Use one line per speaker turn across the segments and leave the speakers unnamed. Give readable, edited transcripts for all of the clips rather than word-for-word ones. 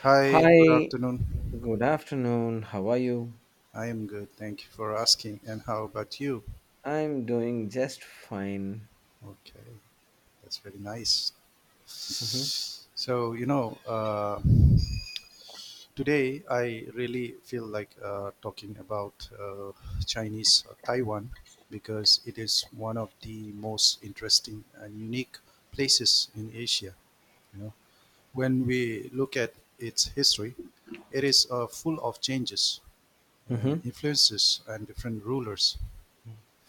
Hi, good
Hi,
afternoon.
good afternoon. How are you?
I am good. Thank you for asking. And how about you?
I'm doing just fine.
Okay, that's very nice.
Hmm.
So, you know, uh, Today I really feel like talking about Chinese Taiwan because it is one of the most interesting and unique places in Asia. You know, when we look at its history, it is full of changes,
Hmm.
influences and different rulers.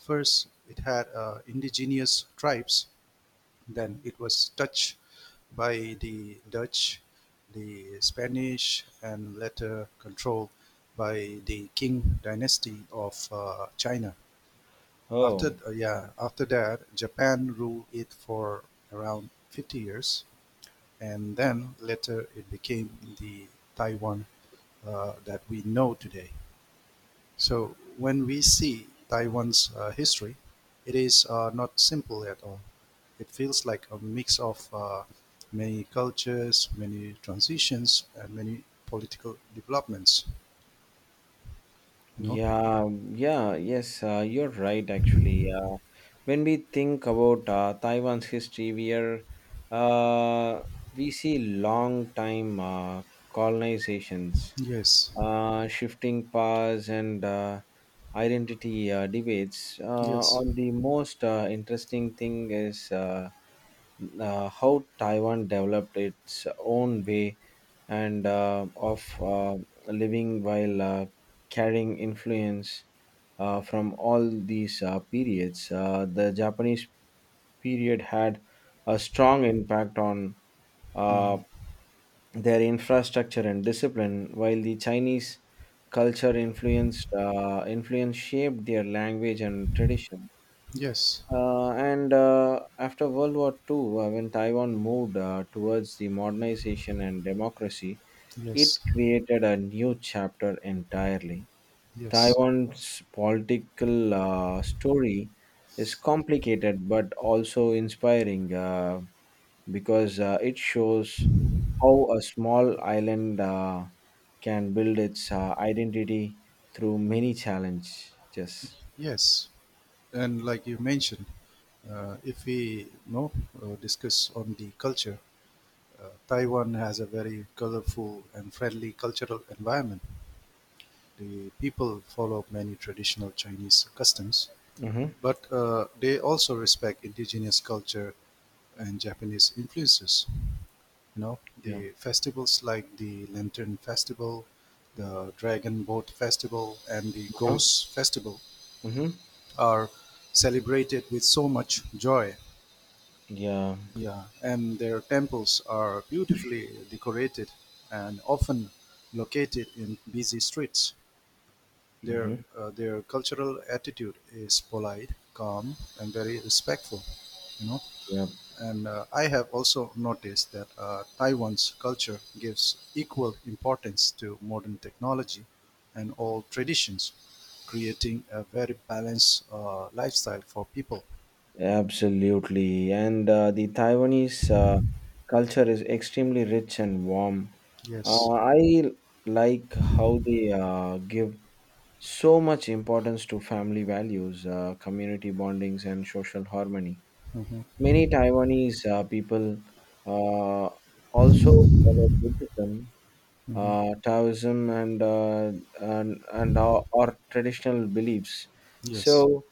First, it had indigenous tribes. Then it was touched by the Dutch, the Spanish, and later controlled by the Qing dynasty of China. After
Oh,
uh, yeah, after that, Japan ruled it for around 50 years, and then later it became the Taiwan that we know today. So when we see Taiwan's history, it is not simple at all. It feels like a mix of many cultures, many transitions, and many political developments. You know?
yeah, yeah, yes, you're right, actually. When we think about Taiwan's history, we are uh, we see long time colonizations,
Yes.
shifting powers and identity debates. Uh,
Yes.
on the most interesting thing is how Taiwan developed its own way and of living while carrying influence from all these periods. The Japanese period had a strong impact on. Uh,
Mm.
their infrastructure and discipline, while the Chinese culture influence shaped their language and tradition.
Yes.
And after World War II, when Taiwan moved towards the modernization and democracy, it
Yes.
created a new chapter entirely.
Yes.
Taiwan's political story is complicated but also inspiring. Because it shows how a small island can build its identity through many challenges.
Yes. And like you mentioned, if we you know discuss on the culture, Taiwan has a very colorful and friendly cultural environment. The people follow many traditional Chinese customs,
Mm-hmm.
but they also respect indigenous culture and Japanese influences. You know,
Yeah.
the festivals like the Lantern Festival, the Dragon Boat Festival, and the
Uh-huh.
Ghost Festival
Mm-hmm.
are celebrated with so much joy.
Yeah.
Yeah, and their temples are beautifully decorated and often located in busy streets. Their,
Mm-hmm.
uh, their cultural attitude is polite, calm, and very respectful, you know.
Yep.
And I have also noticed that Taiwan's culture gives equal importance to modern technology and old traditions, creating a very balanced lifestyle for people.
Absolutely. And the Taiwanese culture is extremely rich and warm.
Yes.
I like how they give so much importance to family values, community bondings, and social harmony.
Hmm.
Many Taiwanese people uh, also follow Buddhism, Taoism, and our traditional beliefs.
Yes.
So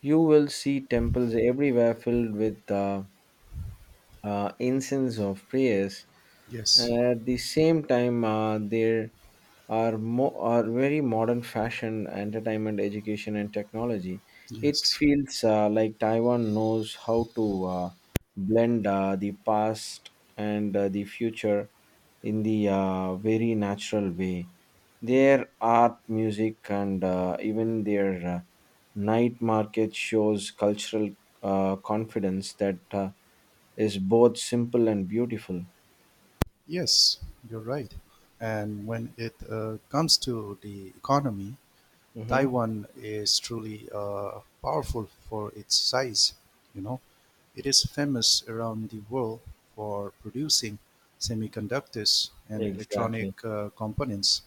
you will see temples everywhere filled with incense of prayers.
Yes.
At the same time, there are very modern fashion, entertainment, education, and technology. It
Yes.
feels like Taiwan knows how to blend the past and the future in the very natural way. Their art, music, and even their night market shows cultural confidence that is both simple and beautiful.
Yes. You're right. And when it comes to the economy,
Hmm.
Taiwan is truly powerful for its size. You know, it is famous around the world for producing semiconductors and electronic
Exactly.
components.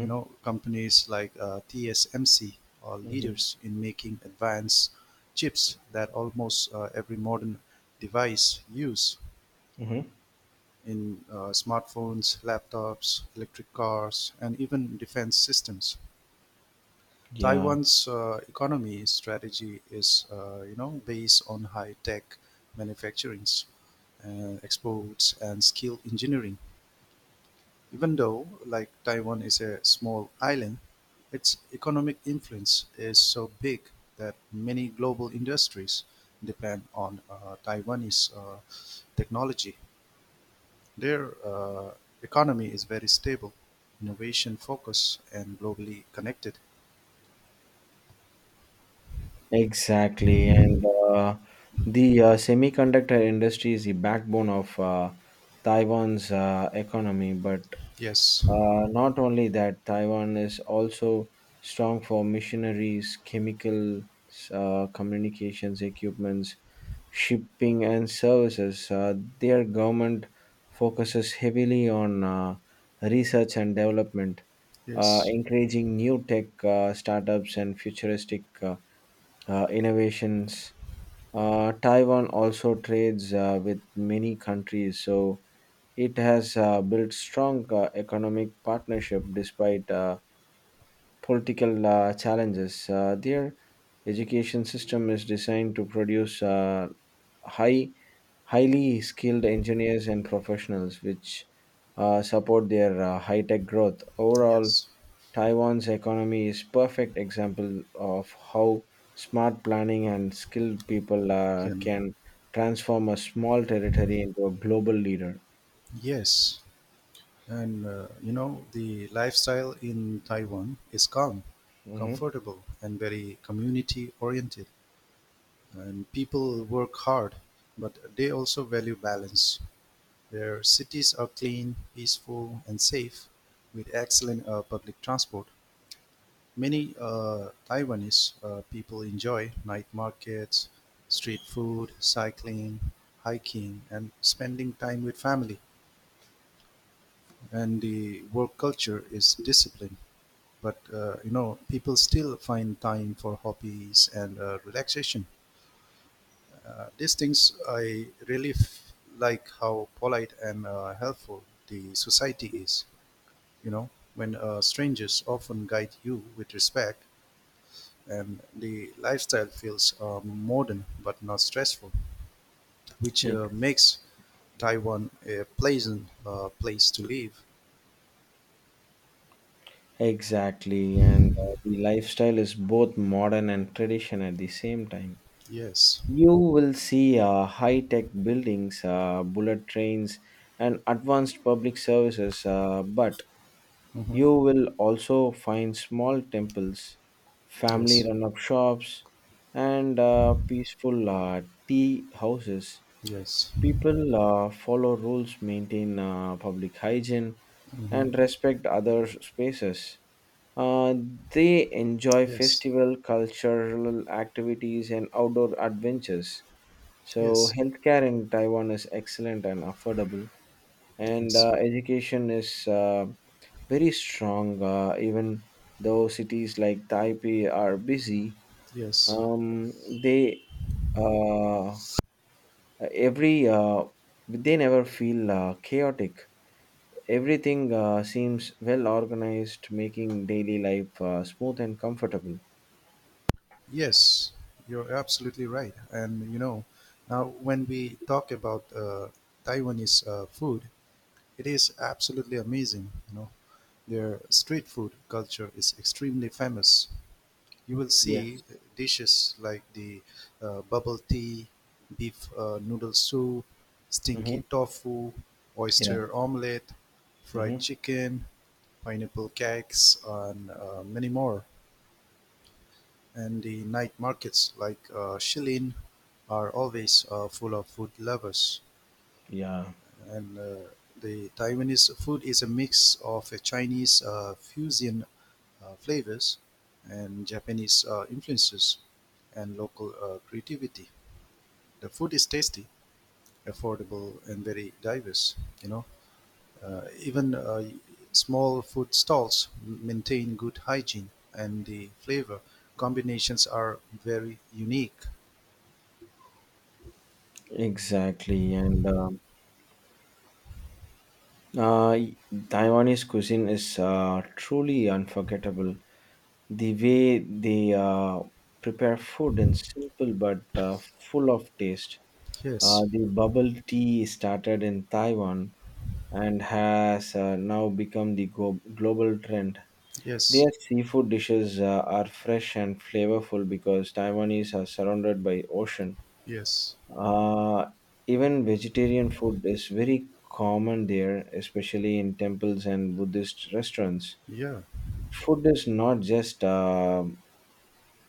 You know, companies like TSMC are
Hmm.
leaders in making advanced chips that almost every modern device use
Hmm.
in smartphones, laptops, electric cars, and even defense systems.
Yeah.
Taiwan's economy strategy is, based on high-tech manufacturings, exports, and skilled engineering. Even though, like Taiwan is a small island, its economic influence is so big that many global industries depend on Taiwanese technology. Their economy is very stable, innovation focused, and globally connected.
Exactly, and uh, the uh, semiconductor industry is the backbone of Taiwan's economy. But
Yes,
uh, not only that, Taiwan is also strong for missionaries, chemicals, communications, equipments, shipping, and services. Their government focuses heavily on research and development,
yes,
encouraging new tech startups and futuristic. Innovations. Taiwan also trades with many countries, so it has built strong economic partnership despite political challenges. Their education system is designed to produce high, highly skilled engineers and professionals, which support their high-tech growth. Overall,
yes.
Taiwan's economy is perfect example of how smart planning and skilled people
Can-
can transform a small territory into a global leader.
Yes, and the lifestyle in Taiwan is calm,
Mhm.
comfortable, and very community oriented. And people work hard, but they also value balance. Their cities are clean, peaceful, and safe with excellent public transport. Many Taiwanese people enjoy night markets, street food, cycling, hiking, and spending time with family. And the work culture is discipline. But people still find time for hobbies and relaxation. These things I really f- Like how polite and helpful the society is. You know, when strangers often guide you with respect, and the lifestyle feels modern but not stressful, which
Ex-
makes Taiwan a pleasant place to live.
Exactly, and the lifestyle is both modern and tradition at the same time.
Yes.
You will see high tech buildings, bullet trains, and advanced public services, but
Hmm.
you will also find small temples, family
Yes.
run up shops, and peaceful tea houses.
Yes.
People follow rules, maintain public hygiene,
Hmm.
and respect other spaces. Uh, they enjoy
Yes,
festival, cultural activities, and outdoor adventures. So,
yes,
healthcare in Taiwan is excellent and affordable, and
yes,
education is very strong. Even though cities like Taipei are busy,
yes,
um, they uh, every uh, they never feel chaotic. Everything seems well organized, making daily life smooth and comfortable.
yes. You're absolutely right. And you know, now when we talk about Taiwanese food, it is absolutely amazing. You know, their street food culture is extremely famous. You will see
Yes.
dishes like the bubble tea, beef noodle soup, stinky
Mm-hmm.
tofu,
Yeah.
oyster omelette, fried
Mm-hmm.
chicken, pineapple cakes, and many more. And the night markets like Shilin are always full of food lovers.
Yeah.
And the Taiwanese food is a mix of Chinese fusion flavors and Japanese influences and local creativity. The food is tasty, affordable, and very diverse, you know. Even small food stalls maintain good hygiene and the flavor combinations are very unique.
Exactly. And Uh, Taiwanese cuisine is truly unforgettable. The way they prepare food is simple but full of taste. Uh,
Yes,
the bubble tea started in Taiwan and has now become the global trend.
yes,
Their seafood dishes are fresh and flavorful because Taiwanese are surrounded by ocean.
yes,
Uh, Even vegetarian food is very common there, especially in temples and Buddhist restaurants.
yeah,
Food is not just uh,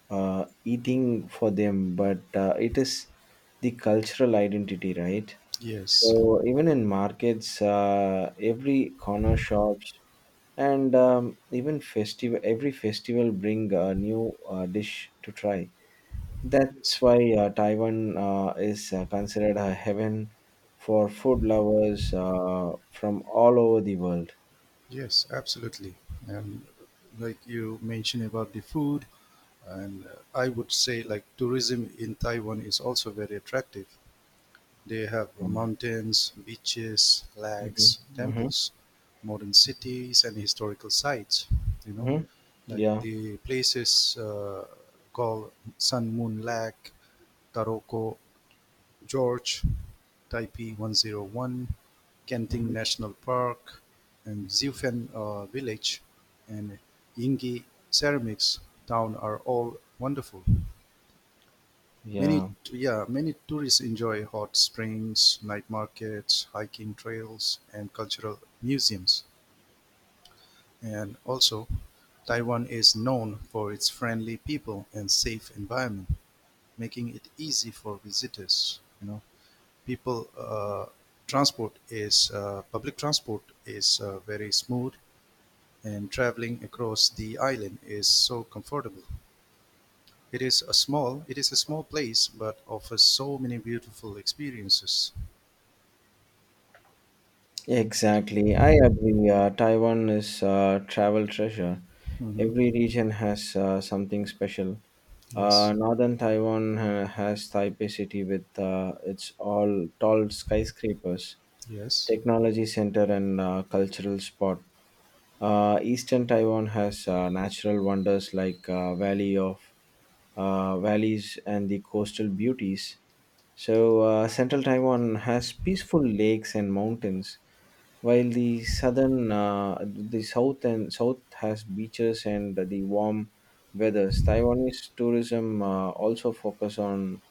uh, eating for them, but it is the cultural identity, right?
yes,
So even in markets, every corner shops and even festival, every festival bring a new dish to try. That's
yes,
why Taiwan is considered a heaven for food lovers from all over the world.
yes, absolutely. And like you mentioned about the food, and I would say like tourism in Taiwan is also very attractive. They have
Mm-hmm.
mountains, beaches, lakes,
Hmm.
temples, modern cities, and historical sites. You know,
Hmm.
like
Yeah.
the places called Sun Moon Lake, Taroko George, Taipei 101, Kenting
Hmm.
National Park, and Zifen Village, and Yingyi Ceramics Town are all wonderful. Many,
Yeah.
yeah, many tourists enjoy hot springs, night markets, hiking trails, and cultural museums. And also, Taiwan is known for its friendly people and safe environment, making it easy for visitors. You know, people transport is public transport is very smooth, and traveling across the island is so comfortable. It is a small place, but offers so many beautiful experiences.
Exactly. I agree. Taiwan is a travel treasure.
Mm-hmm.
Every region has something special.
Yes.
Northern Taiwan has Taipei City with its all tall skyscrapers,
Yes.
technology center, and cultural spot. Eastern Taiwan has natural wonders like valleys and the coastal beauties. Central Taiwan has peaceful lakes and mountains while the south and south has beaches and the warm weathers. Taiwanese tourism also focus on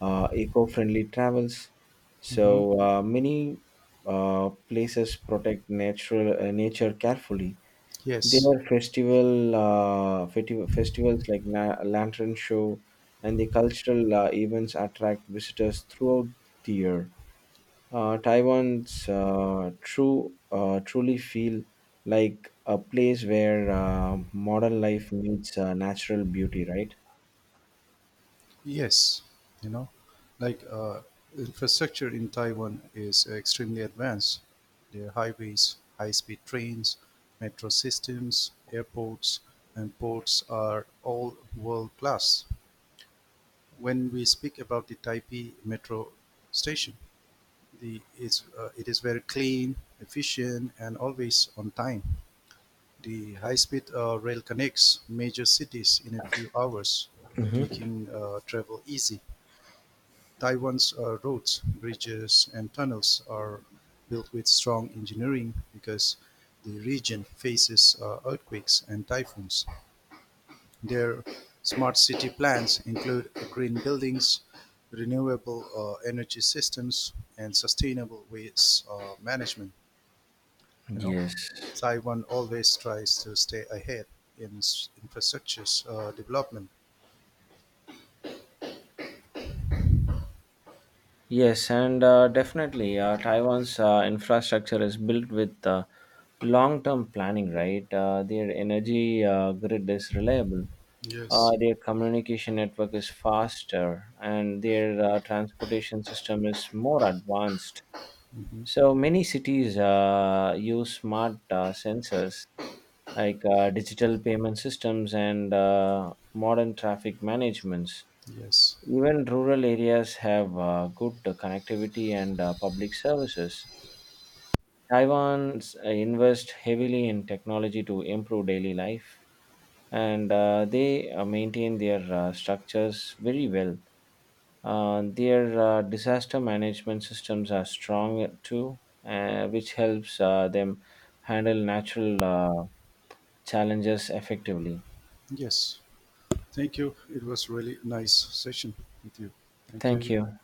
eco-friendly travels,
Mm-hmm.
so many places protect natural nature carefully. There
Yes,
are festivals like lantern show and the cultural events attract visitors throughout the year. Uh, Taiwan's uh, true uh, truly feel like a place where modern life meets natural beauty, right?
yes, you know, like infrastructure in Taiwan is extremely advanced. There are highways, high-speed trains, metro systems, airports, and ports are all world-class. When we speak about the Taipei metro station, it is very clean, efficient, and always on time. The high-speed rail connects major cities in a few hours, making travel easy. Taiwan's roads, bridges, and tunnels are built with strong engineering because the region faces earthquakes and typhoons. Their smart city plans include green buildings, renewable energy systems, and sustainable waste management, you know,
Yes.
Taiwan always tries to stay ahead in infrastructure development.
Yes, and definitely, Taiwan's infrastructure is built with long term planning, right? Their energy grid is reliable,
Yes,
their communication network is faster, and their transportation system is more advanced. So many cities use smart sensors like digital payment systems and modern traffic managements.
yes,
Even rural areas have good connectivity and public services. Taiwan's invest heavily in technology to improve daily life, and they maintain their structures very well. Their disaster management systems are strong too, which helps them handle natural challenges effectively.
yes. Thank you. It was really nice session with you. Thank
Thank
you.
you.